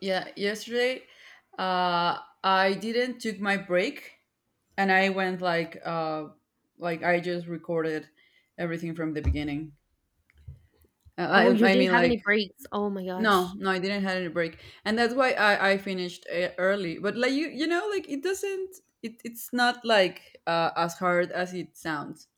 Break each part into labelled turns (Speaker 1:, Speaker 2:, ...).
Speaker 1: Yeah, yesterday uh I didn't took my break and I went like I just recorded everything from the beginning. Uh,
Speaker 2: Oh, you
Speaker 1: I I
Speaker 2: didn't
Speaker 1: mean
Speaker 2: have
Speaker 1: like
Speaker 2: any breaks. Oh my
Speaker 1: no,
Speaker 2: gosh.
Speaker 1: no, I didn't have any break. And that's why I finished early. But like, you know, like it doesn't it it's not like as hard as it sounds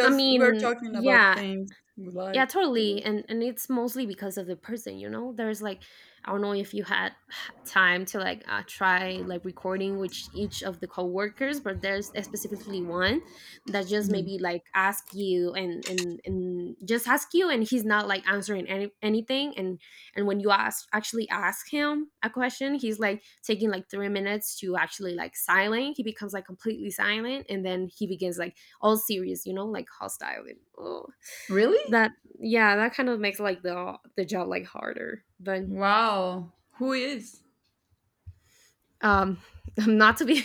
Speaker 1: we're talking about
Speaker 2: Yeah,
Speaker 1: things we
Speaker 2: yeah
Speaker 1: like.
Speaker 2: totally and it's mostly because of the person. There's like I don't know if you had time to like try like recording with each of the coworkers, but there's specifically one that just
Speaker 1: Mhm.
Speaker 2: maybe like ask you and just ask you and he's not like answering anything and when you ask actually ask him a question he's like taking like 3 minutes to actually like silent. He becomes like completely silent and then he begins like all serious, like hostile and oh
Speaker 1: Really?
Speaker 2: that yeah, that kind of makes like the job like harder. But
Speaker 1: Wow. Who is?
Speaker 2: um, not to be.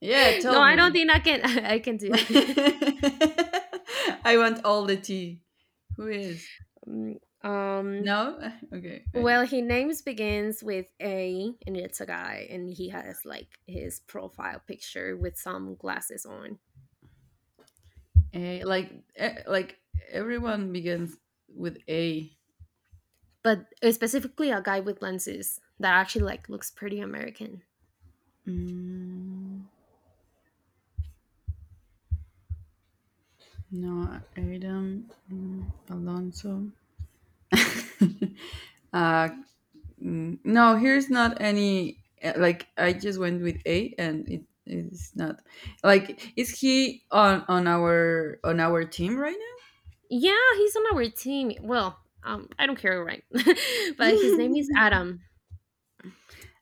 Speaker 1: Yeah,
Speaker 2: No,
Speaker 1: tell
Speaker 2: I don't
Speaker 1: me.
Speaker 2: think I can. I can do.
Speaker 1: I want all the tea. Who is?
Speaker 2: Mm, um.
Speaker 1: No? Okay.
Speaker 2: Well, his name's begins with A, and it's a guy, and he has like his profile picture with some glasses on,
Speaker 1: A, like, like, everyone begins with A.
Speaker 2: but specifically a guy with lenses that actually like looks pretty American.
Speaker 1: Mm, no, Adam, Alonso. uh, no, here's not any. Like, I just went with A, and it is not. Like, is he on our on our team right
Speaker 2: Yeah, he's on our team. Well, I don't care, right? But his name is
Speaker 1: now?
Speaker 2: Adam.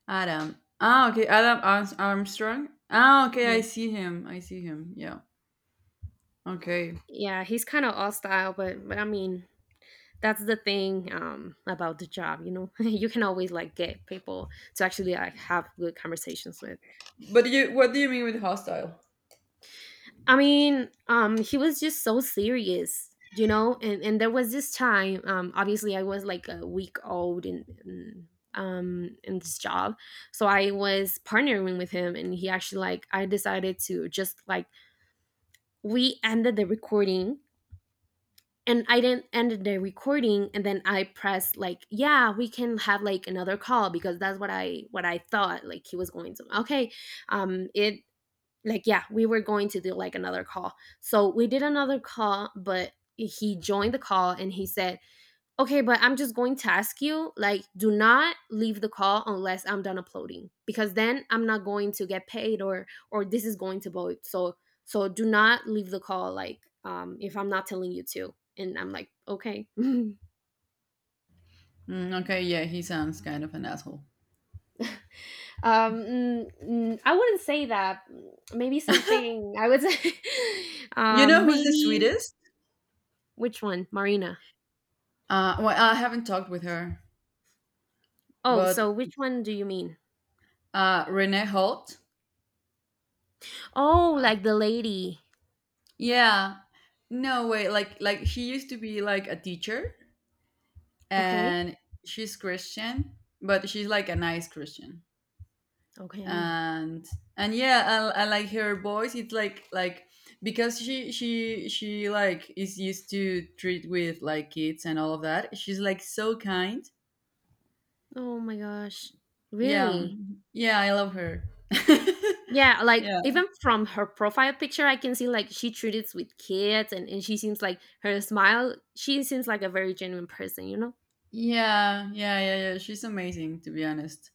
Speaker 1: Adam. Ah, okay. Adam Armstrong. Ah, okay.
Speaker 2: Yeah.
Speaker 1: I see him. I see him. Yeah. Okay.
Speaker 2: Yeah, he's kind of all style, but I mean, that's the thing about the job, you know. You can always like get people to actually like have good conversations with.
Speaker 1: But what do you mean with hostile?
Speaker 2: I mean, he was just so serious, you know. And there was this time, obviously, I was like a week old in this job, so I was partnering with him, and he actually like I decided to just like we ended the recording and I didn't end the recording and then I pressed like yeah we can have like another call because that's what I thought like he was going to okay it like yeah we were going to do like another call so we did another call but he joined the call and he said okay, but I'm just going to ask you like, do not leave the call unless I'm done uploading because then I'm not going to get paid or this is going to void. So so do not leave the call like if I'm not telling you to. And I'm like, okay.
Speaker 1: Okay. Yeah, he sounds kind of an asshole.
Speaker 2: I wouldn't say that. Maybe something I would say.
Speaker 1: You know who's the
Speaker 2: Maybe
Speaker 1: sweetest?
Speaker 2: which one, Marina?
Speaker 1: Well, I haven't talked with her,
Speaker 2: Oh, so
Speaker 1: but
Speaker 2: which one do you mean?
Speaker 1: Renee Holt.
Speaker 2: Oh,
Speaker 1: Uh,
Speaker 2: like the lady.
Speaker 1: yeah. No way. Like, she used to be like a teacher,
Speaker 2: Okay.
Speaker 1: and she's Christian, but she's like a nice Christian.
Speaker 2: Okay.
Speaker 1: and and yeah, I like her voice. It's like, because she like is used to treat with like kids and all of that. She's like so kind.
Speaker 2: Oh my gosh.
Speaker 1: Yeah.
Speaker 2: Really?
Speaker 1: Yeah, I love her. yeah.
Speaker 2: Yeah, like
Speaker 1: Yeah,
Speaker 2: even from her profile picture, I can see like she treats with kids, and she seems like her smile, she seems like a very genuine person, you know?
Speaker 1: yeah, yeah. Yeah, she's amazing, to be honest.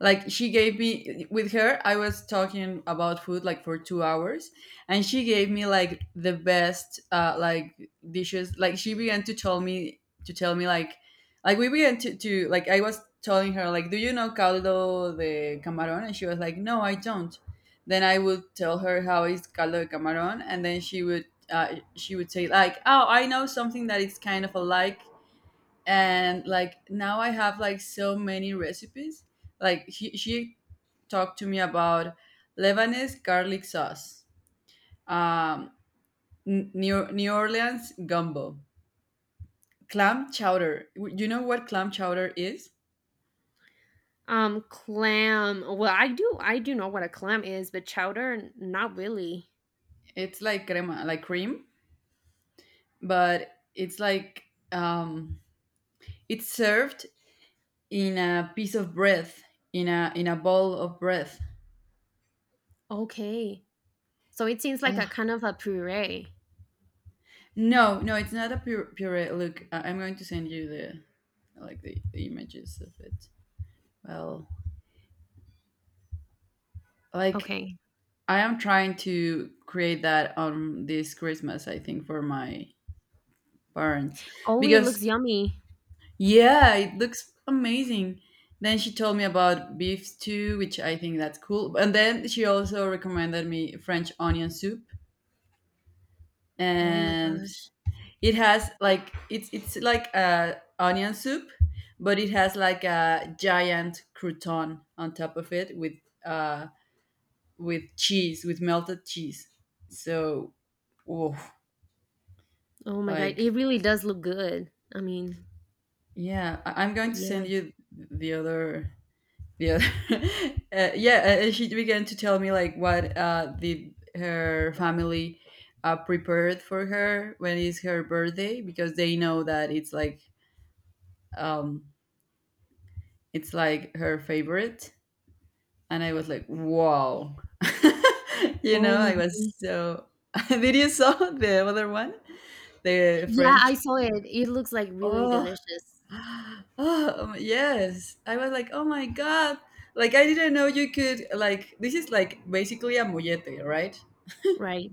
Speaker 1: Like, she gave me— with her I was talking about food like for 2 hours, and she gave me like the best like dishes. Like, she began to tell me like, we began to like— I was telling her like, do you know caldo de camarón? And she was like, no, I don't. Then I would tell her how is caldo de camarón, and then she would say like, oh, I know something that is kind of alike. And like, now I have like so many recipes. Like, she talked to me about Lebanese garlic sauce, um new Orleans gumbo, clam chowder. You know what clam chowder is?
Speaker 2: Clam. Well, I do know what a clam is, but chowder, not really.
Speaker 1: It's like crema, like cream, but it's like, um it's served in a piece of bread, in a bowl of bread.
Speaker 2: Okay. So it seems like a
Speaker 1: Oh.
Speaker 2: kind of a puree.
Speaker 1: No, no, it's not a puree. Look, I'm going to send you the— like, the images of it. Well, like,
Speaker 2: Okay.
Speaker 1: I am trying to create that on this Christmas, I think, for my parents
Speaker 2: Oh, it
Speaker 1: because,
Speaker 2: looks yummy.
Speaker 1: yeah, it looks amazing. Then she told me about beef stew, which I think that's cool. And then she also recommended me French onion soup.
Speaker 2: Oh my
Speaker 1: And
Speaker 2: gosh.
Speaker 1: it has like, it's like a onion soup, but it has like a giant crouton on top of it uh with cheese, with melted cheese. So, oh,
Speaker 2: Oh my god. It
Speaker 1: like,
Speaker 2: really does look good. I mean,
Speaker 1: yeah, I'm going to
Speaker 2: yeah.
Speaker 1: send you the other— the other. Yeah, and she began to tell me like, what the her family prepared for her when it's her birthday because they know that it's like, um it's like her favorite. And I was like, wow,
Speaker 2: Oh my
Speaker 1: I was
Speaker 2: god.
Speaker 1: so— did you saw the other one, the
Speaker 2: Yeah, I
Speaker 1: French—
Speaker 2: saw it. It looks like really
Speaker 1: oh,
Speaker 2: delicious,
Speaker 1: oh, yes, I was like, oh my God, like, I didn't know you could, like, this is like basically a mollete, right?
Speaker 2: right?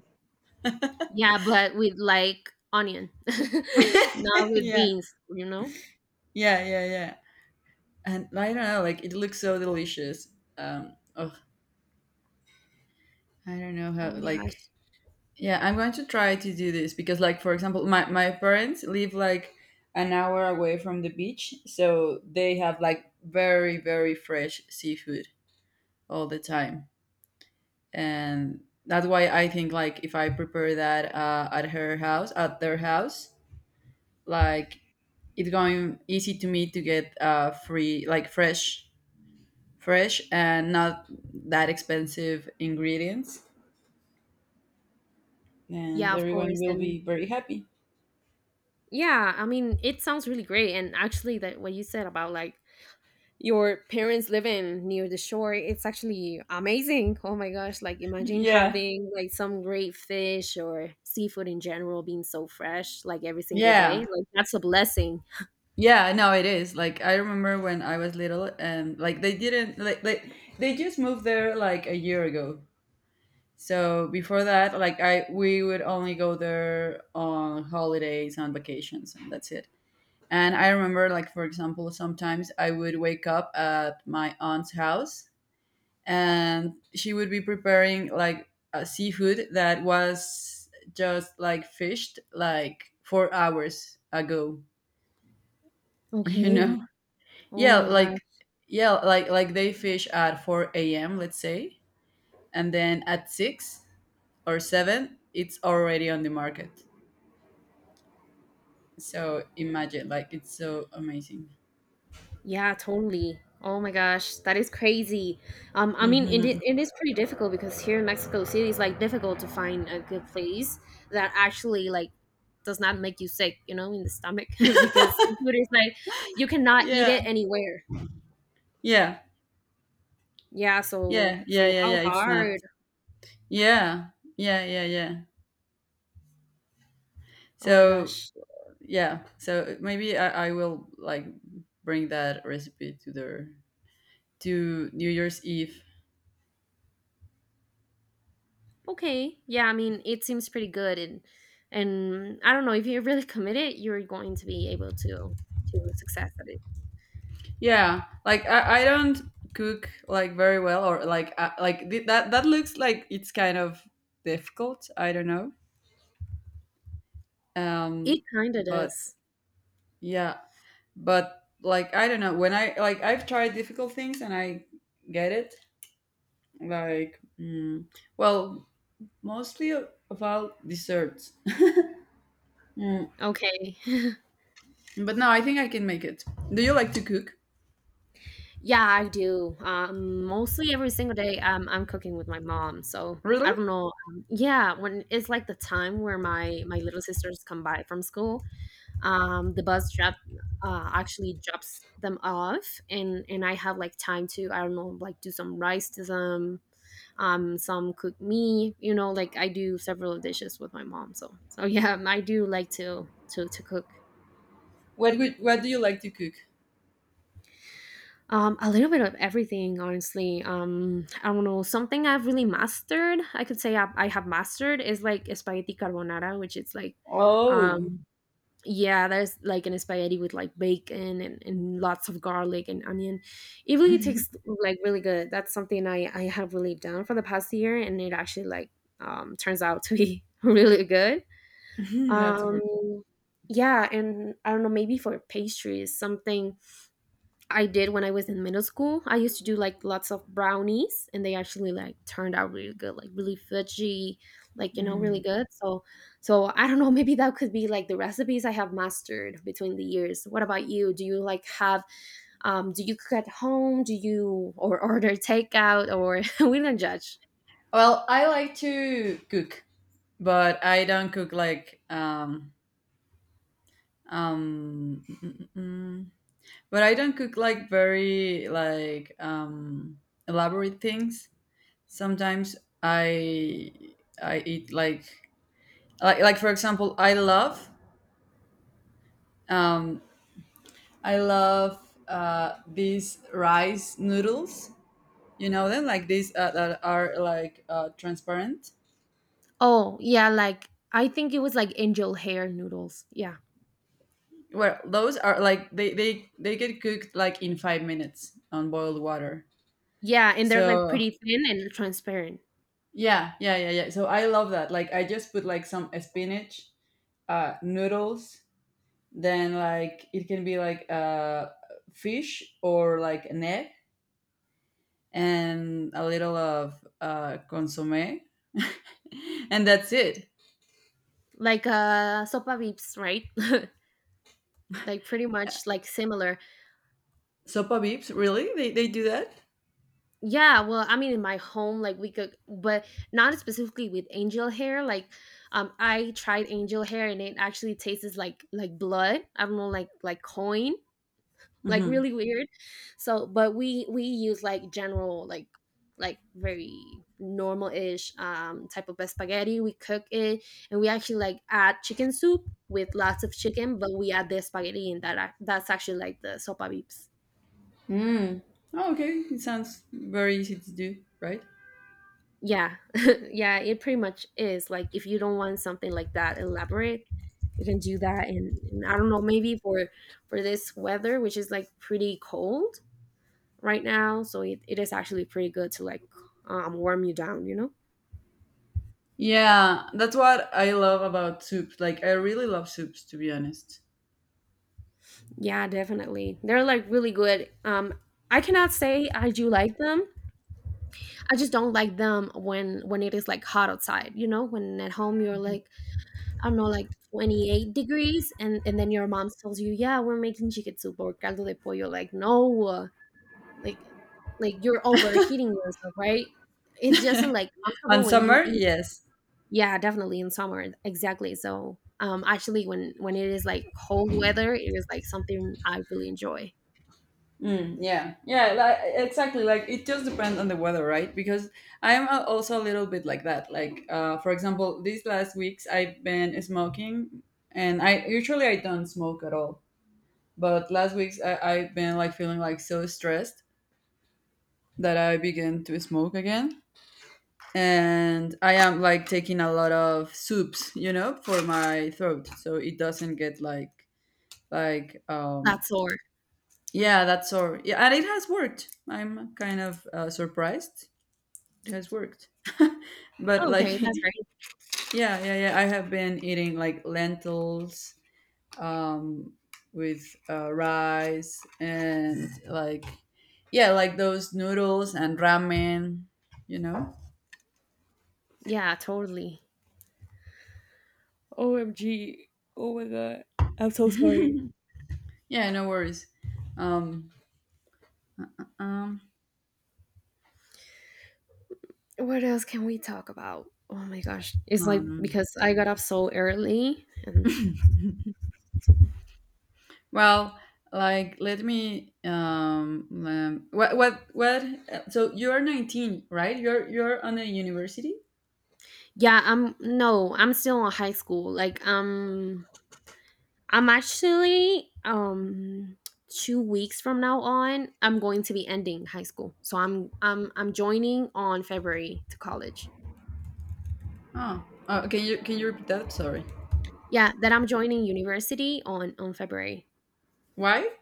Speaker 2: Yeah, but with like onion, not with
Speaker 1: yeah.
Speaker 2: beans, you know?
Speaker 1: Yeah, yeah, yeah. And I don't know, like, it looks so delicious. Oh, I don't know how,
Speaker 2: Oh my
Speaker 1: like—
Speaker 2: gosh.
Speaker 1: yeah, I'm going to try to do this because, like, for example, my parents live like an hour away from the beach, so they have like very, very fresh seafood all the time. And that's why I think, like, if I prepare that at her house, at their house, like, it's going easy to me to get free, like, fresh, fresh and not that expensive ingredients.
Speaker 2: Yeah,
Speaker 1: And
Speaker 2: of
Speaker 1: everyone
Speaker 2: course.
Speaker 1: will
Speaker 2: And
Speaker 1: be very happy.
Speaker 2: yeah, I mean, it sounds really great. And actually, that what you said about like your parents living near the shore, it's actually amazing. Oh my gosh. Like, imagine
Speaker 1: Yeah.
Speaker 2: having like some great fish or seafood in general being so fresh, like every single day.
Speaker 1: Yeah.
Speaker 2: Like, that's a blessing.
Speaker 1: Yeah, no, it is. Like, I remember when I was little, and like they didn't like they just moved there like a year ago. So before that, like, I we would only go there on holidays, on vacations, and that's it. And I remember, like, for example, sometimes I would wake up at my aunt's house, and she would be preparing like a seafood that was just like fished like 4 hours ago. You
Speaker 2: Okay.
Speaker 1: know?
Speaker 2: Oh
Speaker 1: Yeah,
Speaker 2: my
Speaker 1: like,
Speaker 2: gosh.
Speaker 1: like, they fish at 4 a.m., let's say, and then at 6 or 7 it's already on the market, so imagine, like, it's so amazing.
Speaker 2: Yeah, totally. Oh my gosh, that is crazy. I mean,
Speaker 1: Hmm.
Speaker 2: it is pretty difficult because here in Mexico City, it's like difficult to find a good place that actually like does not make you sick, you know, in the stomach because food is like you cannot eat
Speaker 1: Yeah.
Speaker 2: it anywhere.
Speaker 1: Yeah,
Speaker 2: Yeah, so
Speaker 1: yeah, yeah,
Speaker 2: so
Speaker 1: yeah,
Speaker 2: how
Speaker 1: yeah, it's not—
Speaker 2: hard?
Speaker 1: yeah, yeah, yeah, yeah.
Speaker 2: Oh my
Speaker 1: So,
Speaker 2: gosh.
Speaker 1: yeah, so maybe I will, like, bring that recipe to their— to New Year's Eve.
Speaker 2: Okay. Yeah, I mean, it seems pretty good and I don't know if you're really committed, you're going to be able to success at it.
Speaker 1: Yeah, like, I don't cook like very well, or like, like, that looks like it's kind of difficult. I don't know. Um,
Speaker 2: It kind of
Speaker 1: but
Speaker 2: does.
Speaker 1: yeah, but like, I don't know, when I, like, I've tried difficult things and I get it. Like, well, mostly about desserts. Mm,
Speaker 2: Okay.
Speaker 1: but no, I think I can make it. Do you like to cook?
Speaker 2: Yeah, I do. Mostly every single day, I'm cooking with my mom. So I
Speaker 1: Really?
Speaker 2: don't know. Yeah, when it's like the time where my little sisters come by from school, the bus drop actually drops them off, and I have like time to I don't know like do some rice to them, some cook me. You know, like I do several dishes with my mom. So so yeah, I do like to cook.
Speaker 1: What do you like to cook?
Speaker 2: A little bit of everything, honestly. I don't know. Something I've really mastered, I could say I have mastered, is like spaghetti carbonara, which is like,
Speaker 1: Oh,
Speaker 2: um, yeah, there's like an spaghetti with like bacon and lots of garlic and onion. It really tastes like really good. That's something I have really done for the past year, and it actually like turns out to be really good.
Speaker 1: that's
Speaker 2: Um,
Speaker 1: super
Speaker 2: yeah, and I don't know, maybe for pastries, something I did when I was in middle school. I used to do like lots of brownies and they actually like turned out really good, like really fudgy, like you know, really
Speaker 1: cool.
Speaker 2: good. So so I don't know, maybe that could be like the recipes I have mastered between the years. What about you? Do you like have do you cook at home? Do you or order takeout or we don't judge.
Speaker 1: Well, I like to cook, but I don't cook like, um mm, mm, mm. but I don't cook like very, like, elaborate things. Sometimes I I eat like, like, for example, I love, um I love these rice noodles. You know them, like, these that are like transparent.
Speaker 2: Oh, yeah, like I think it was like angel hair noodles. Yeah.
Speaker 1: Well, those are like, they get cooked like in 5 minutes on boiled water.
Speaker 2: Yeah, and they're
Speaker 1: So,
Speaker 2: like pretty thin and transparent.
Speaker 1: yeah, yeah, yeah, yeah. So I love that. Like, I just put like some spinach, noodles. Then like, it can be like, fish or like an egg and a little of consommé, and that's it.
Speaker 2: Like sopa beeps, right? Like pretty much like similar.
Speaker 1: Sopa beeps, really? They do that?
Speaker 2: Yeah, well, I mean in my home like we could but not specifically with angel hair. Like I tried angel hair and it actually tastes like blood. I don't know like coin. Like
Speaker 1: Mm-hmm.
Speaker 2: really weird. So, but we use like general like very normal-ish type of spaghetti. We cook it and we actually like add chicken soup with lots of chicken, but we add the spaghetti and that that's actually like the sopa beeps.
Speaker 1: Mm. Oh, okay, it sounds very easy to do, right?
Speaker 2: Yeah. Yeah, it pretty much is, like, if you don't want something like that elaborate, you can do that and I don't know, maybe for this weather, which is, like, pretty cold right now, so it is actually pretty good to, like, warm you down, you know?
Speaker 1: Yeah, that's what I love about soups. Like, I really love soups, to be honest.
Speaker 2: Yeah, definitely. They're, like, really good. I cannot say I do like them. I just don't like them when it is, like, hot outside, you know? When at home, you're like, I don't know, like 28 degrees, and then your mom tells you, "Yeah, we're making chicken soup or caldo de pollo." Like, no, like, like you're overheating yourself, right? It just isn't like
Speaker 1: On
Speaker 2: comfortable when you
Speaker 1: summer,
Speaker 2: eat it.
Speaker 1: yes.
Speaker 2: Yeah, definitely in summer, exactly. So, actually, when it is like cold weather, it is like something I really enjoy.
Speaker 1: Yeah, yeah, like, exactly. Like, it just depends on the weather, right? Because I'm also a little bit like that. Like, for example, these last weeks I've been smoking, and I usually I don't smoke at all. But last weeks I've been like feeling like so stressed that I began to smoke again. And I am like taking a lot of soups, you know, for my throat, so it doesn't get like, like um
Speaker 2: That's or
Speaker 1: yeah, that's all. Yeah, and it has worked. I'm kind of surprised it has worked. But like,
Speaker 2: okay,
Speaker 1: yeah,
Speaker 2: that's right.
Speaker 1: yeah, yeah, I have been eating like lentils, um with rice and, like, yeah, like those noodles and ramen, you know.
Speaker 2: Yeah, totally. OMG. Oh my god. I'm so sorry.
Speaker 1: Yeah, no worries. Um um
Speaker 2: What else can we talk about? Oh my gosh. It's like
Speaker 1: um,
Speaker 2: because I got up so early and
Speaker 1: Well, like, let me, what so you're 19, right? You're on a university?
Speaker 2: yeah, I'm no, I'm still in high school. Like I'm actually 2 weeks from now on I'm going to be ending high school. So I'm joining on February to college.
Speaker 1: Oh. Oh, can you repeat that? Sorry.
Speaker 2: Yeah, that I'm joining university on February.
Speaker 1: Why?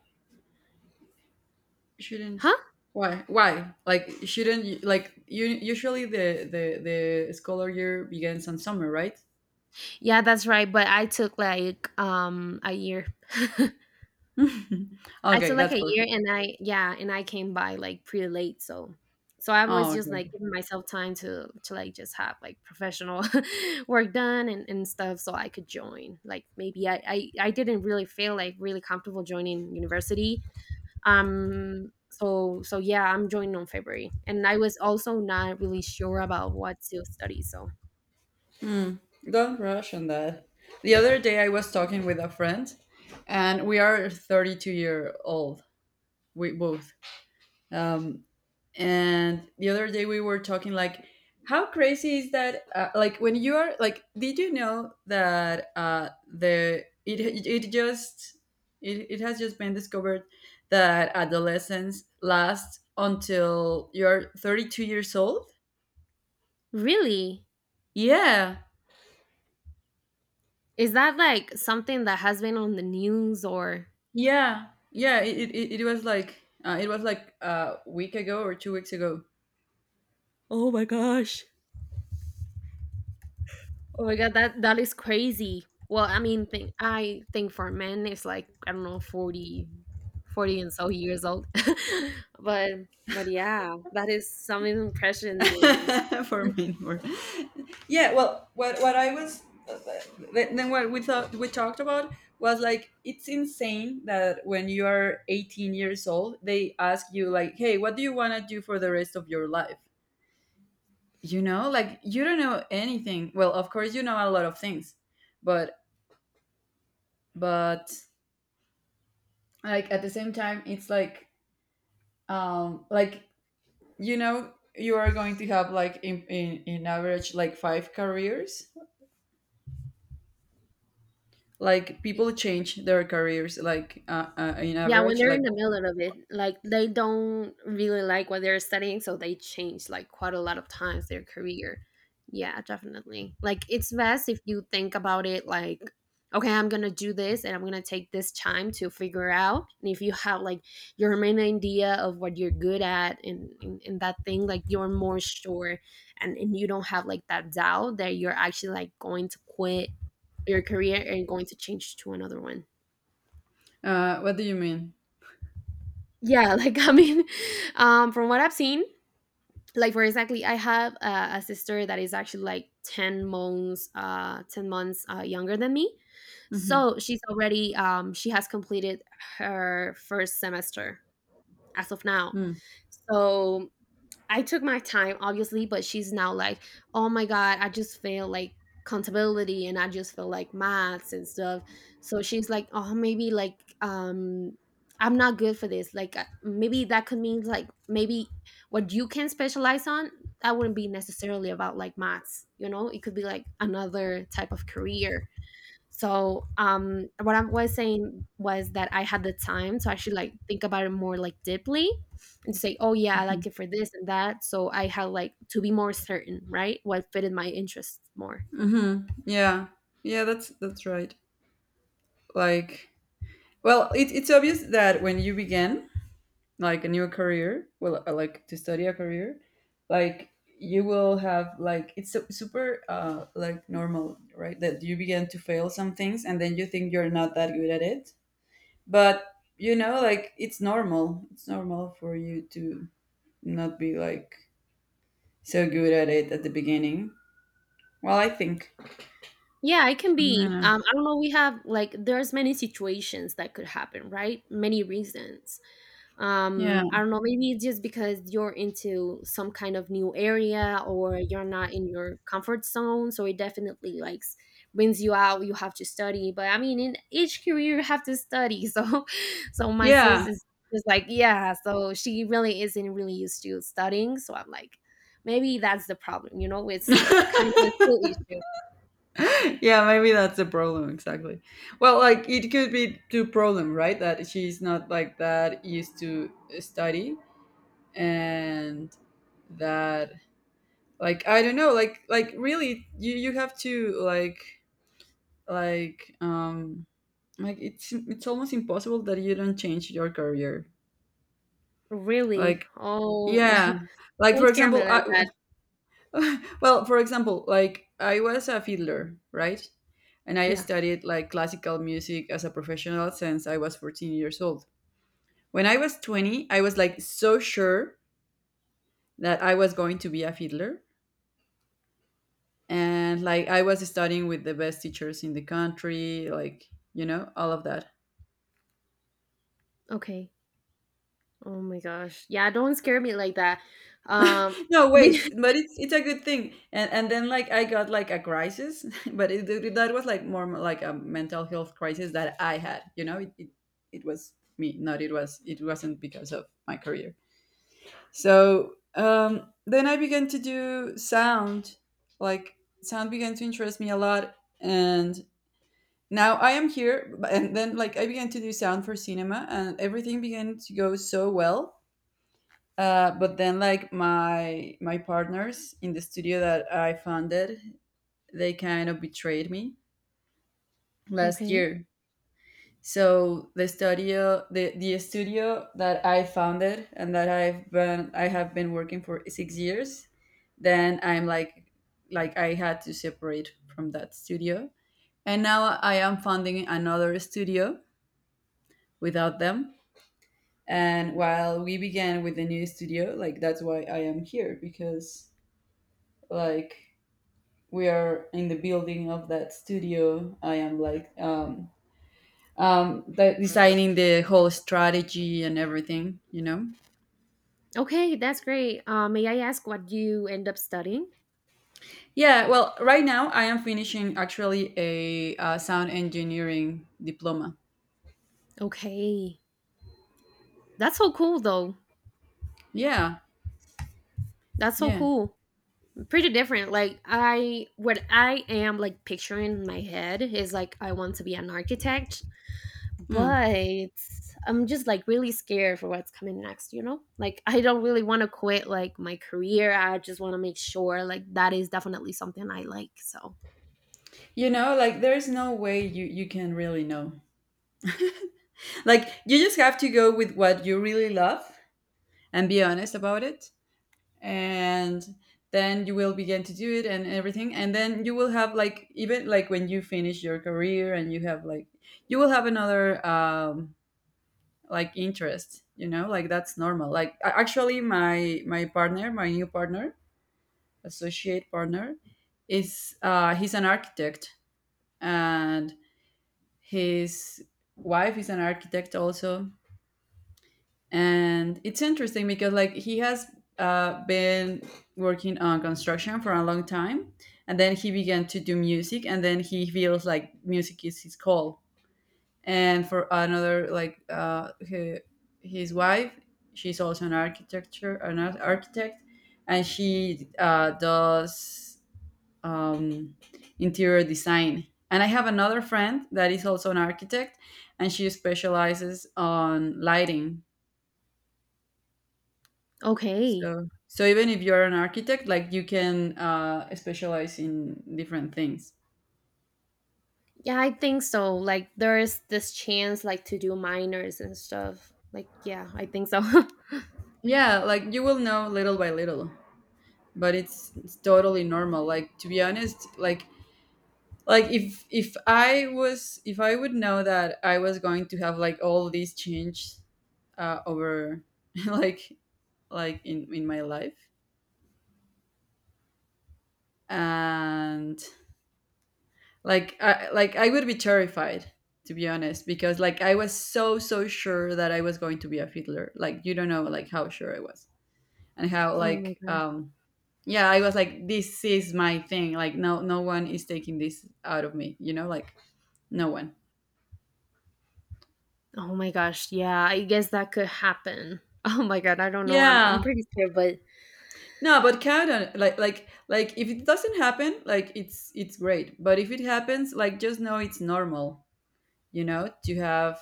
Speaker 1: Shouldn't
Speaker 2: Huh?
Speaker 1: why? Why? Like, shouldn't you, like, you usually— the scholar year begins on summer, right?
Speaker 2: Yeah, that's right, but I took like a year. I took
Speaker 1: okay,
Speaker 2: like
Speaker 1: that's
Speaker 2: a year
Speaker 1: perfect.
Speaker 2: and I yeah, and I came by like pretty late, so so I was
Speaker 1: Oh,
Speaker 2: just
Speaker 1: okay.
Speaker 2: like giving myself time to like just have like professional work done and stuff so I could join. Like maybe I didn't really feel like really comfortable joining university. So so yeah, I'm joining on February. And I was also not really sure about what to study, so
Speaker 1: Don't rush on that. The other day I was talking with a friend, and we are 32-year-old. We both. Um, and the other day we were talking like, how crazy is that, like, when you are like— did you know that the it it just it, it has just been discovered that adolescence lasts until you're 32 years old?
Speaker 2: really?
Speaker 1: Yeah,
Speaker 2: Is that like something that has been on the news or
Speaker 1: yeah, yeah, it was like, it was like a week ago or 2 weeks ago.
Speaker 2: oh my gosh. Oh my god, that that is crazy. Well, I mean, think, I think for men it's like I don't know 40, 40 and so years old, but but yeah, that is some impression news.
Speaker 1: for me or— yeah, well, what I was— then what we talked about was like, it's insane that when you are 18 years old they ask you like, hey, what do you want to do for the rest of your life? You know, like, you don't know anything. Well, of course you know a lot of things, but, but like, at the same time it's like, um like you know you are going to have, like, in average, like, 5 careers. Like, people change their careers, like, in
Speaker 2: Yeah, when
Speaker 1: average.
Speaker 2: they're in
Speaker 1: Like,
Speaker 2: the middle of it, like they don't really like what they're studying, so they change like quite a lot of times their career. Yeah, definitely. Like it's best if you think about it like, okay, I'm gonna do this and I'm gonna take this time to figure out. And if you have like your main idea of what you're good at in that thing, like you're more sure and you don't have like that doubt that you're actually like going to quit your career and going to change to another one.
Speaker 1: what do you mean?
Speaker 2: Yeah, like I mean, From what I've seen, like for exactly, I have a sister that is actually like 10 months, younger than me.
Speaker 1: Mm-hmm.
Speaker 2: So she's already, she has completed her first semester as of now.
Speaker 1: Mm-hmm.
Speaker 2: So I took my time, obviously, but she's now like, oh my God, I just feel like accountability and I just feel like maths and stuff. So she's like, oh, I'm not good for this. Like, maybe that could mean like maybe what you can specialize on, that wouldn't be necessarily about like maths, you know? It could be like another type of career. So what I was saying was that I had the time to actually like think about it more like deeply and to say, oh yeah, I
Speaker 1: Mm-hmm.
Speaker 2: like it for this and that. So I had like to be more certain, right? What fitted my interests more.
Speaker 1: Mm-hmm. Yeah, yeah, that's right. Like, well, it's obvious that when you begin like a new career, well, like, to study a career, like, you will have, like, it's super like normal, right? That you begin to fail some things and then you think you're not that good at it, but you know, like, it's normal. It's normal for you to not be like so good at it at the beginning. Well, I think.
Speaker 2: Yeah, it can be.
Speaker 1: Yeah.
Speaker 2: I don't know. We have like there's many situations that could happen, right? Many reasons.
Speaker 1: Yeah.
Speaker 2: I don't know, maybe it's just because you're into some kind of new area or you're not in your comfort zone, so it definitely like brings you out. You have to study, but I mean, in each career you have to study. So my sis
Speaker 1: Yeah.
Speaker 2: is just like, yeah, so she really isn't really used to studying, so I'm like, maybe that's the problem. You know, it's kind of a skill issue.
Speaker 1: yeah, maybe that's the problem, exactly. Well, like it could be the problem, right? That she's not like that used to study and that like I don't know, like really you have to like um like it's almost impossible that you don't change your career.
Speaker 2: Really?
Speaker 1: Like
Speaker 2: Oh,
Speaker 1: yeah, like for
Speaker 2: don't scare me
Speaker 1: example,
Speaker 2: like that.
Speaker 1: well, for example, like I was a fiddler, right? And I
Speaker 2: Yeah,
Speaker 1: studied like classical music as a professional since I was 14 years old. When I was 20, I was like so sure that I was going to be a fiddler. And like I was studying with the best teachers in the country, like, you know, all of that.
Speaker 2: okay. Oh my gosh. Yeah, don't scare me like that. Um,
Speaker 1: No, wait, but it's a good thing. And then like I got like a crisis, but that was like more like a mental health crisis that I had. You know, it was me, not it wasn't because of my career. So then I began to do sound, like sound began to interest me a lot, and now I am here. And then like I began to do sound for cinema, and everything began to go so well, but then like my partners in the studio that I founded, they kind of betrayed me last
Speaker 2: okay.
Speaker 1: year. So the studio that I founded and that I have been working for 6 years, then I'm like, I had to separate from that studio. And now I am founding another studio without them. And while we began with the new studio, like that's why I am here, because like we are in the building of that studio. I am designing the whole strategy and everything.
Speaker 2: Okay, that's great. May I ask what you end up studying?
Speaker 1: Yeah, well, right now I am finishing actually a sound engineering diploma.
Speaker 2: Okay. That's so cool though.
Speaker 1: Yeah.
Speaker 2: That's so
Speaker 1: Yeah.
Speaker 2: cool. Pretty different. Like, I what I am like picturing in my head is like I want to be an architect,
Speaker 1: Mm.
Speaker 2: but I'm just like really scared for what's coming next, you know? Like I don't really want to quit like my career. I just want to make sure like that is definitely something I like. So,
Speaker 1: You know, like there's no way you can really know. Like you just have to go with what you really love and be honest about it, and then you will begin to do it and everything. And then you will have, like, even like when you finish your career and you have, like, you will have another like interest, you know. Like that's normal. Like actually my new partner, associate partner, is he's an architect. And his wife is an architect also. And it's interesting because, like, he has been working on construction for a long time, and then he began to do music, and then he feels like music is his call. And for another, like, his wife, she's also an architect. And she, does, um, interior design. And I have another friend that is also an architect, and she specializes on lighting.
Speaker 2: okay.
Speaker 1: So even if you're an architect, like you can specialize in different things.
Speaker 2: Yeah, I think so. Like there is this chance like to do minors and stuff. Like yeah, I think so. Oh
Speaker 1: Yeah, like you will know little by little, but it's totally normal. Like, to be honest, like if I would know that I was going to have like all these change, over, like in my life, and like like I would be terrified, to be honest, because like I was so so sure that I was going to be a fiddler. Like, you don't know like how sure I was, and how,
Speaker 2: my
Speaker 1: like,
Speaker 2: god.
Speaker 1: yeah, I was like, this is my thing, like, no, no one is taking this out of me, like no one.
Speaker 2: Oh my gosh. Yeah, I guess that could happen. Oh my god, I don't know. I'm
Speaker 1: Yeah,
Speaker 2: pretty scared, but
Speaker 1: no, but count on, like, if it doesn't happen, like it's great, but if it happens, like just know it's normal, you know, to have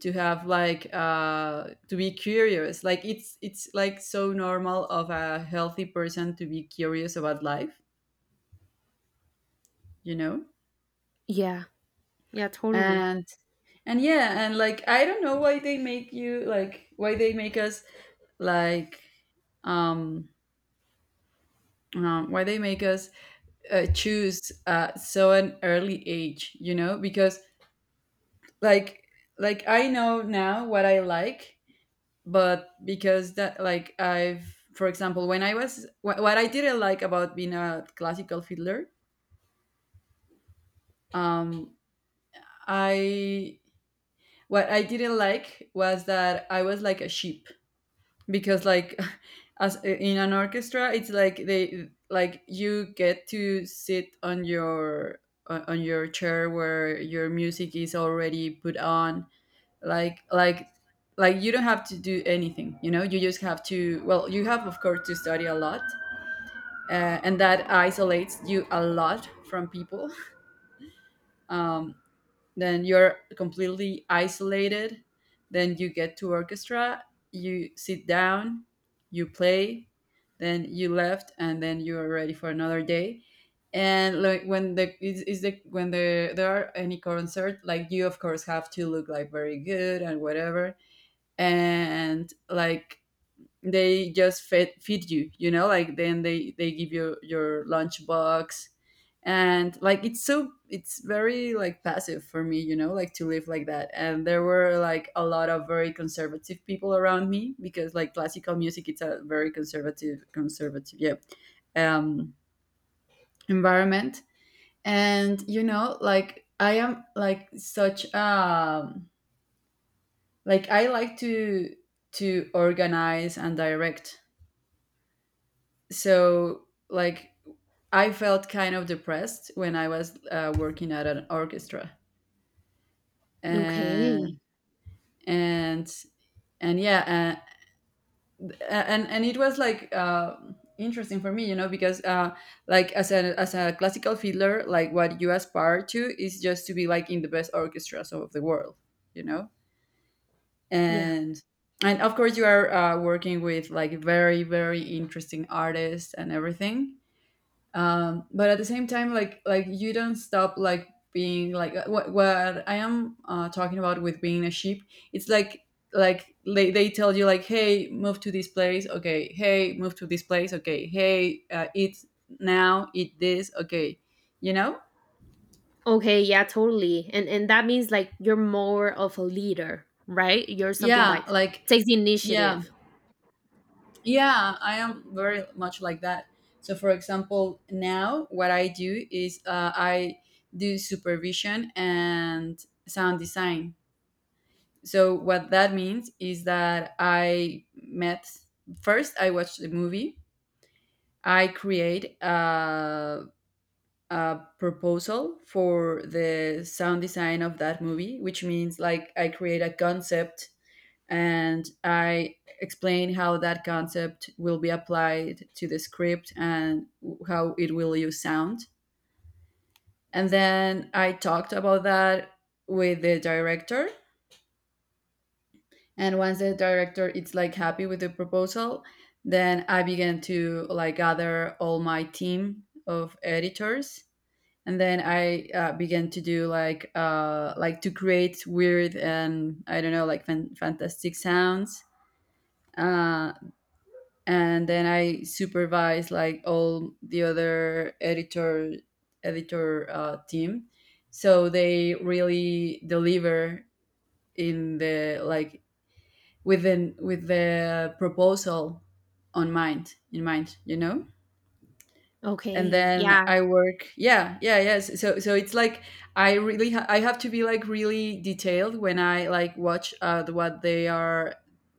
Speaker 1: like, to be curious. Like it's like so normal of a healthy person to be curious about life you know
Speaker 2: yeah. Yeah, totally.
Speaker 1: and and, yeah, and like I don't know why they make us like um, um why they make us choose so an early age, you know. Because like I know now what I like. But because that, like, I've for example, when what I didn't like about being a classical fiddler, um I what I didn't like was that I was like a sheep. Because, like, as in an orchestra, it's like they, like, you get to sit on your, on your chair where your music is already put on, like like you don't have to do anything, you know. You have of course to study a lot, and that isolates you a lot from people. um, then you're completely isolated. Then you get to orchestra, you sit down, you play, then you left, and then you are ready for another day. And like, when the is the when the there are any concert, like you of course have to look like very good and whatever. And like they just fed feed you, you know. Like then they give you your lunchbox, and like it's, it's very like passive for me, you know, like to live like that. And there were like a lot of very conservative people around me, because like classical music, it's a very conservative, conservative, um environment. And you know, like I am like such, like I like to organize and direct. So like, I felt kind of depressed when I was, working at an orchestra,
Speaker 2: Okay.
Speaker 1: and and and yeah, and it was like, interesting for me, you know, because, like as a classical fiddler, like what you aspire to is just to be like in the best orchestras of the world, you know.
Speaker 2: Yeah.
Speaker 1: And and of course you are, working with like very very interesting artists and everything. But at the same time, like you don't stop like being, like, what I am, talking about with being a sheep. It's like, they tell you like, hey, move to this place, okay, hey, move to this place, okay, hey, eat, now eat this, okay, you know.
Speaker 2: Okay, yeah, totally. And that means like you're more of a leader, right? You're something
Speaker 1: Yeah,
Speaker 2: like
Speaker 1: like,
Speaker 2: takes the
Speaker 1: yeah,
Speaker 2: initiative.
Speaker 1: yeah, I am very much like that. So for example, now what I do is, I do supervision and sound design. So what that means is that I met first I watched the movie. I create a proposal for the sound design of that movie, which means like I create a concept, and I explain how that concept will be applied to the script and how it will use sound. And then I talked about that with the director. And once the director is like happy with the proposal, then I began to like gather all my team of editors. And then I, began to do like, like to create weird and I don't know, like fantastic sounds, uh and then I supervised like all the other editor, team, so they really deliver in the, like, with the proposal on mind in mind, you know. And
Speaker 2: Okay.
Speaker 1: then
Speaker 2: Yeah.
Speaker 1: I work, yeah, yeah, yes. So it's like I really ha- I have to be like really detailed when I like watch, what they are,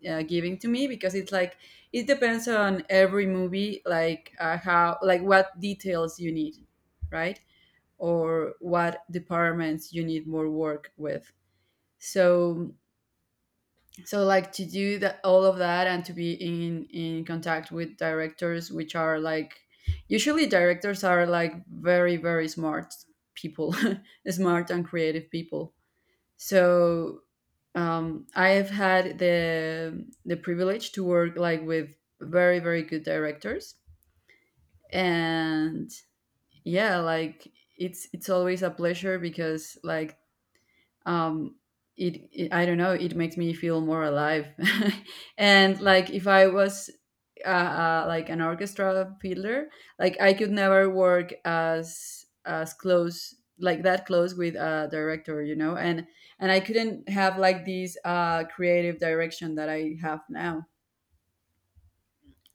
Speaker 1: giving to me, because it's like it depends on every movie, like, how, like, what details you need, right, or what departments you need more work with. So so like to do that, all of that, and to be in contact with directors, which are like usually directors are like very very smart people. Smart and creative people. So, I've had the privilege to work like with very very good directors. And yeah, like it's always a pleasure because, like, um it, I don't know, it makes me feel more alive. And like if I was, like an orchestra fiddler, like I could never work as close, like that close, with a director, you know. And I couldn't have like this, creative direction that I have now.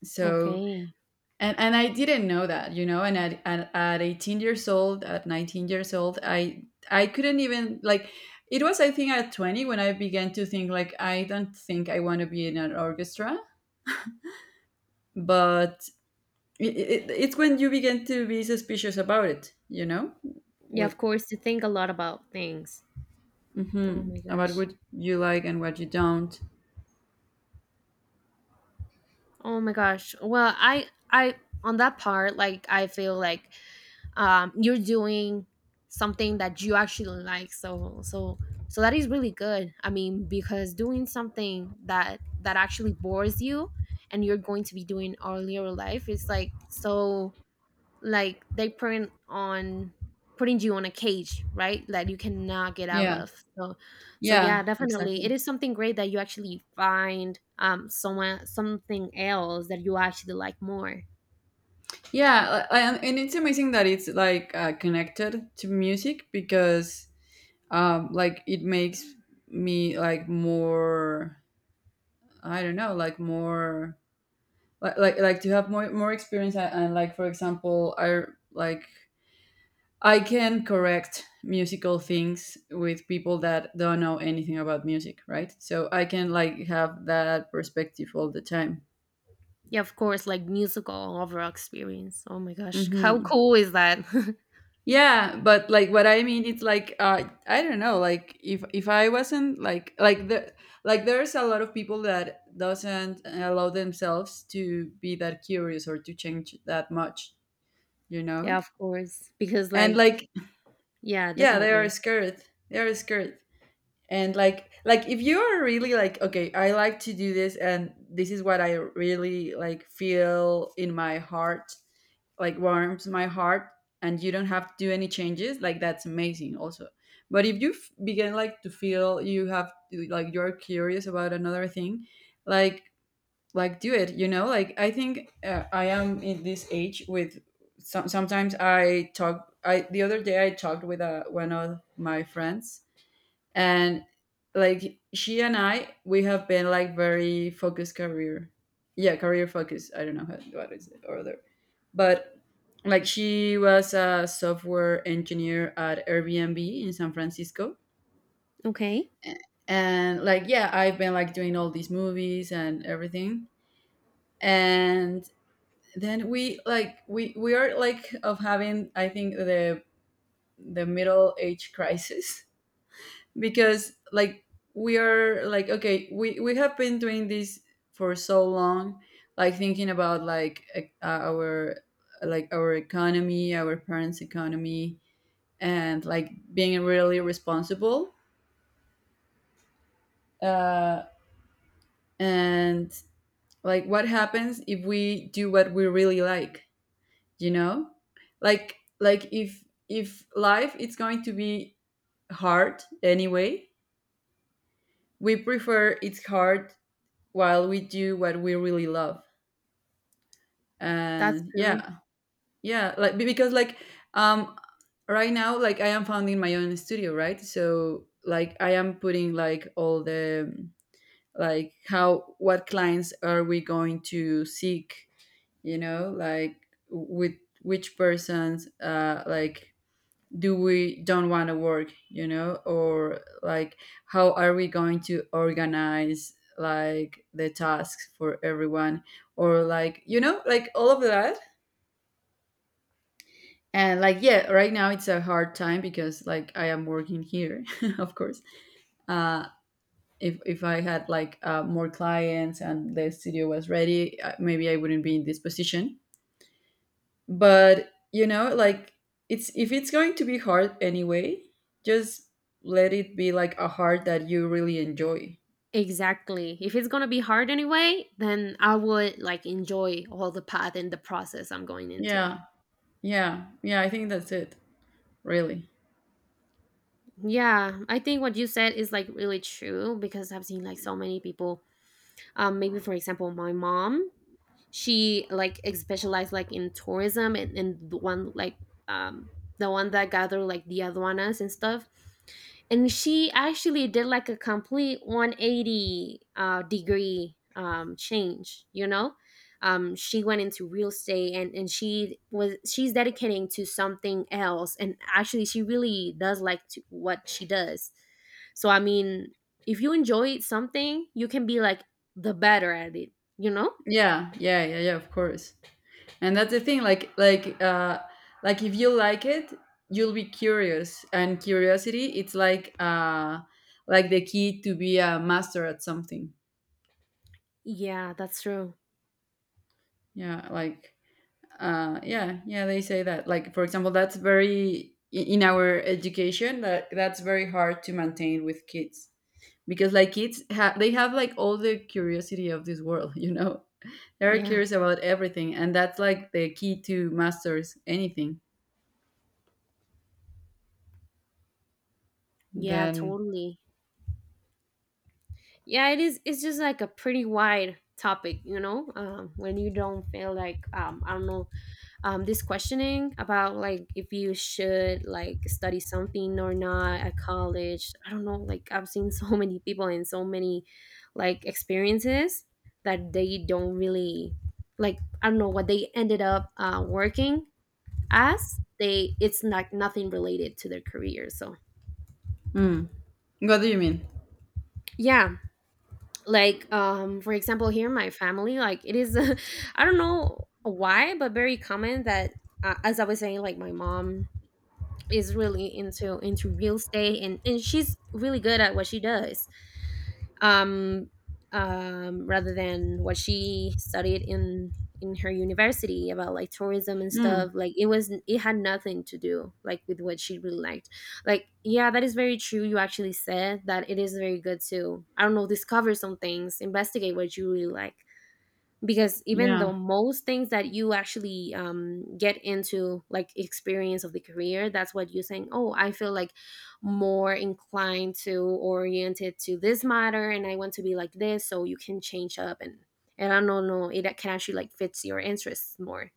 Speaker 1: So,
Speaker 2: Okay.
Speaker 1: and I didn't know that, you know. And at 18 years old, at 19 years old, I couldn't even, like, it was, I think at 20, when I began to think like, I don't think I want to be in an orchestra. But it's when you begin to be suspicious about it, you know.
Speaker 2: Yeah,
Speaker 1: With,
Speaker 2: of course, to think a lot about things. Oh
Speaker 1: mhm,
Speaker 2: my
Speaker 1: about
Speaker 2: gosh.
Speaker 1: what you like and what you don't.
Speaker 2: Oh my gosh. Well, I on that part, like I feel like you're doing something that you actually like. So that is really good. I mean, because doing something that that actually bores you and you're going to be doing all your life is like so like they print on putting you on a cage, right, that you cannot get out
Speaker 1: Yeah,
Speaker 2: of. So so yeah,
Speaker 1: yeah,
Speaker 2: definitely it
Speaker 1: exactly.
Speaker 2: is something great that you actually find someone, something else that you actually like more.
Speaker 1: Yeah, and it's amazing that it's like, connected to music. Because, like it makes me like more, I don't know, like more, like, to have more experience, and like for example, I like I can correct musical things with people that don't know anything about music, right? So I can like have that perspective all the time.
Speaker 2: Yeah, of course, like musical overall experience. Oh my gosh, how
Speaker 1: Hmm.
Speaker 2: cool is that?
Speaker 1: Yeah, but Like what I mean, it's like I don't know. Like if I wasn't like the like there's a lot of people that doesn't allow themselves to be that curious or to change that much, you
Speaker 2: Yeah,
Speaker 1: know.
Speaker 2: of course, because
Speaker 1: And
Speaker 2: like
Speaker 1: like
Speaker 2: yeah,
Speaker 1: yeah, they are
Speaker 2: definitely.
Speaker 1: scared. They are scared and like if you are really like okay, I like to do this and this is what I really like feel in my heart, like warms my heart, and you don't have to do any changes, like that's amazing also. But if you begin like to feel you have to, like you're curious about another thing, like like do it, like I think I am in this age with sometimes I talk I the other day I talked with uh, one of my friends. And like she and I, we have been like very focused career, yeah, career focused. I don't know how, what is it order, but like she was a software engineer at Airbnb in San Francisco.
Speaker 2: Okay,
Speaker 1: A- and like yeah, I've been like doing all these movies and everything, and then we are like of having I think the middle age crisis because like we are like okay, we have been doing this for so long, like thinking about like our like our economy, our parents' economy, and like being really responsible, uh, and like what happens if we do what we really like, you know like if life it's going to be hard anyway, we prefer it's hard while we do what we really love.
Speaker 2: that's
Speaker 1: And
Speaker 2: true.
Speaker 1: yeah, yeah like because like um right now like I am founding my own studio, right? So like I am putting like all the like how, what clients are we going to seek, like with which persons, like do we don't want to work, or like how are we going to organize like the tasks for everyone, or like you know, like all of that. And like yeah, right now it's a hard time because like I am working here. Of course. Uh, if I had like more clients and the studio was ready, maybe I wouldn't be in this position. But you know, like it's if it's going to be hard anyway, just let it be like a hard that you really enjoy.
Speaker 2: Exactly. If it's gonna be hard anyway, then I would like enjoy all the path and the process I'm going into.
Speaker 1: Yeah. Yeah yeah, I think that's it, really.
Speaker 2: Yeah, I think what you said is like really true because I've seen like so many people. Maybe for example, my mom, she like specialized like in tourism, and the one like um the one that gathered like the aduanas and stuff, and she actually did like a complete 180 degree change, you know. She went into real estate, and she was, she's dedicating to something else, and actually she really does like to, what she does. So I mean, if you enjoy something, you can be like the better at it, you know.
Speaker 1: Yeah, yeah, yeah, yeah, of course. And that's the thing, like like if you like it, you'll be curious, and curiosity it's like the key to be a master at something.
Speaker 2: Yeah, that's true.
Speaker 1: Yeah, like yeah, yeah, they say that, like for example, that's very in our education, that that's very hard to maintain with kids, because like kids they have like all the curiosity of this world you know, they're
Speaker 2: Yeah.
Speaker 1: curious about everything, and that's like the key to masters anything.
Speaker 2: Yeah,
Speaker 1: Then
Speaker 2: totally. Yeah, it is, it's just like a pretty wide topic, you know? When you don't feel like I don't know, this questioning about like if you should like study something or not at college. I don't know, like I've seen so many people and so many like experiences that they don't really, like I don't know what they ended up working as. They, it's like nothing related to their career, so
Speaker 1: mm. What do you mean?
Speaker 2: yeah. Like for example, here in my family, like it is, I don't know why, but very common that, as I was saying, like my mom is really into real estate, and she's really good at what she does. um, Rather than what she studied in her university about like tourism and stuff,
Speaker 1: Mm.
Speaker 2: like it was, it had nothing to do like with what she really liked. Like yeah, that is very true. You actually said that it is very good to, I don't know, discover some things, investigate what you really like, because even
Speaker 1: Yeah.
Speaker 2: the most things that you actually get into like experience of the career, that's what you're saying. Oh, I feel like more inclined to, oriented to this matter, and I want to be like this, so you can change up, and I don't know, it can actually like fits your interests more.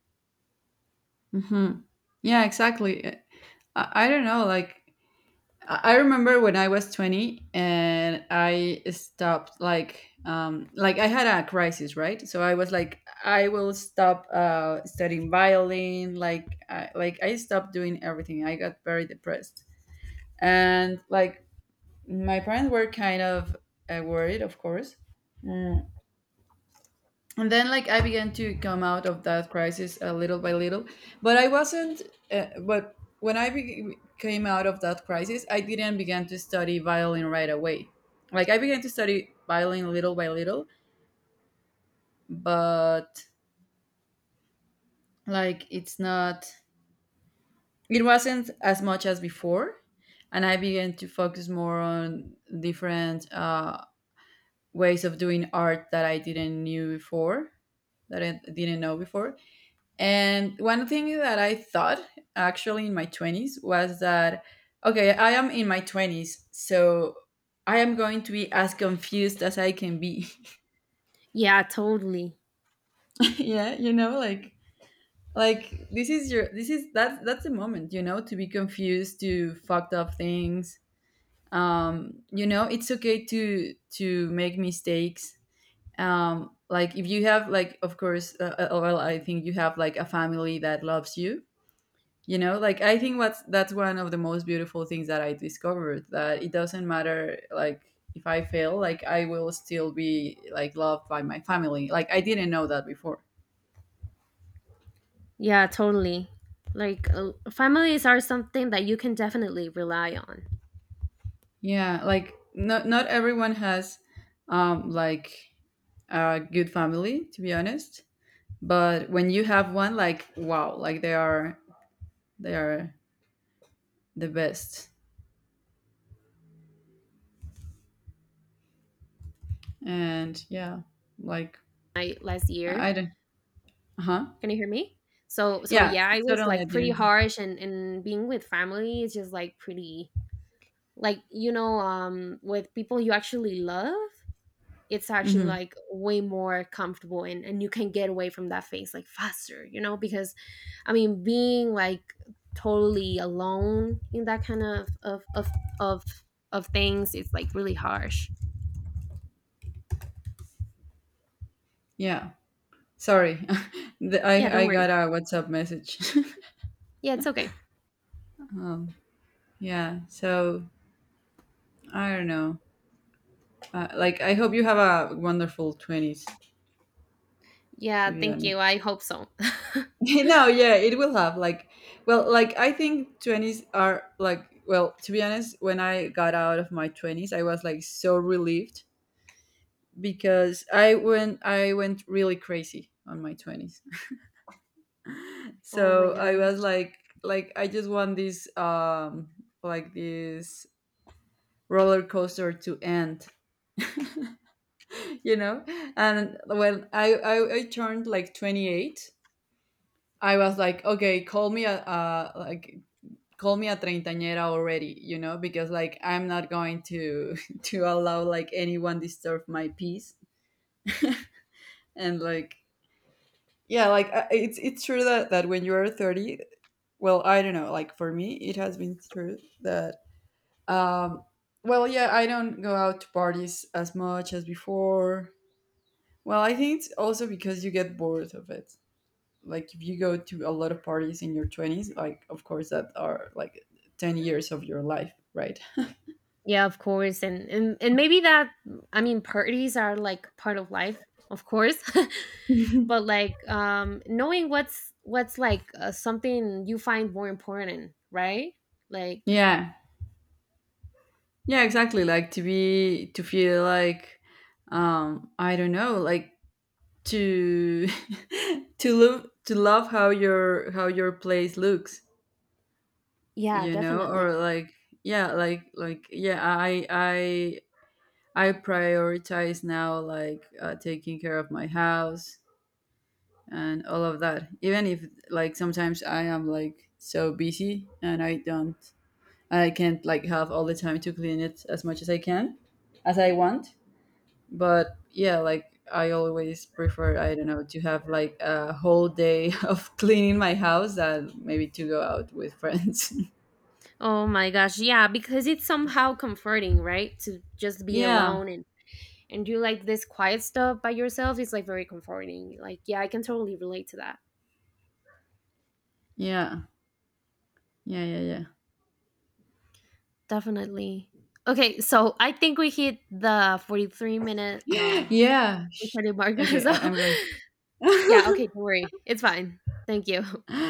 Speaker 1: Hmm. Yeah, exactly. I don't know, like I remember when I was 20 and I stopped like I had a crisis, right? So I was like I will stop studying violin, like I stopped doing everything. I got very depressed. And like my parents were kind of worried, of course. Mm, and then like I began to come out of that crisis a little by little, but I wasn't, but when I came out of that crisis, I didn't begin to study violin right away. Like I began to study violin little by little, but like it's not, it wasn't as much as before. And I began to focus more on different ways of doing art that I didn't knew before, that I didn't know before. And one thing that I thought actually in my 20s was that, okay, I am in my 20s, so I am going to be as confused as I can be.
Speaker 2: Yeah, totally.
Speaker 1: Yeah, you know, like this is your this is that's the moment, you know, to be confused, to fucked up things. You know, it's okay to make mistakes. Like if you have like of course well, I think you have like a family that loves you, you know, like I think what's that's one of the most beautiful things that I discovered, that it doesn't matter like if I fail, like I will still be like loved by my family, like I didn't know that before.
Speaker 2: Yeah, totally. Like, families are something that you can definitely rely on.
Speaker 1: Yeah, like not everyone has like a good family, to be honest, but when you have one, like wow, like they are, they are the best. And yeah, like
Speaker 2: I, last year,
Speaker 1: I don't. Uh-huh.
Speaker 2: can you hear me? So so
Speaker 1: Yeah,
Speaker 2: yeah, it was
Speaker 1: certainly I
Speaker 2: like pretty
Speaker 1: didn't.
Speaker 2: harsh, and being with family is just like pretty, like you know, with people you actually love, it's actually
Speaker 1: Hmm.
Speaker 2: like way more comfortable, and you can get away from that phase like faster, you know, because I mean being like totally alone in that kind of of things, it's like really harsh.
Speaker 1: Yeah. Sorry, the,
Speaker 2: Yeah,
Speaker 1: I
Speaker 2: don't
Speaker 1: I
Speaker 2: worry.
Speaker 1: got a WhatsApp message.
Speaker 2: Yeah, it's okay.
Speaker 1: um, yeah, so I don't know. Like, I hope you have a wonderful twenties. To
Speaker 2: Yeah,
Speaker 1: be
Speaker 2: thank you.
Speaker 1: honest,
Speaker 2: I hope so.
Speaker 1: no, yeah, it will have. Like, well, like I think twenties are like. Well, to be honest, when I got out of my twenties, I was like so relieved because I went really crazy on my twenties.
Speaker 2: Oh my
Speaker 1: So
Speaker 2: god.
Speaker 1: I was like I just want this, like this roller coaster to end. You know, and when I turned like 28, I was like okay, call me a like call me a treintañera already, you know, because like I'm not going to to allow like anyone disturb my peace. And like yeah, like it's true that that when you're 30, well I don't know, like for me it has been true that um well yeah, I don't go out to parties as much as before. Well, I think it's also because you get bored of it. Like if you go to a lot of parties in your 20s, like of course that are like 10 years of your life, right?
Speaker 2: Yeah, of course. And maybe that, I mean, parties are like part of life, of course. But like knowing what's like, something you find more important, right? Like
Speaker 1: Yeah. Yeah, exactly. Like to be to feel like I don't know, like to to love how your place looks,
Speaker 2: yeah,
Speaker 1: you know,
Speaker 2: definitely.
Speaker 1: or like yeah, I I prioritize now like taking care of my house and all of that. Even if like sometimes I am like so busy and I don't, I can't like have all the time to clean it as much as I can, as I want. But yeah, like I always prefer, I don't know, to have like a whole day of cleaning my house than maybe to go out with friends.
Speaker 2: Oh my gosh. Yeah, because it's somehow comforting, right? To just be
Speaker 1: Yeah.
Speaker 2: alone and do like this quiet stuff by yourself. It's like very comforting. Like yeah, I can totally relate to that.
Speaker 1: Yeah. Yeah, yeah, yeah.
Speaker 2: Definitely. Okay, so I think we hit the 43 minute
Speaker 1: Yeah.
Speaker 2: Ricardo Marga.
Speaker 1: Okay,
Speaker 2: So
Speaker 1: I'm going.
Speaker 2: yeah, okay, don't worry. It's fine. Thank you.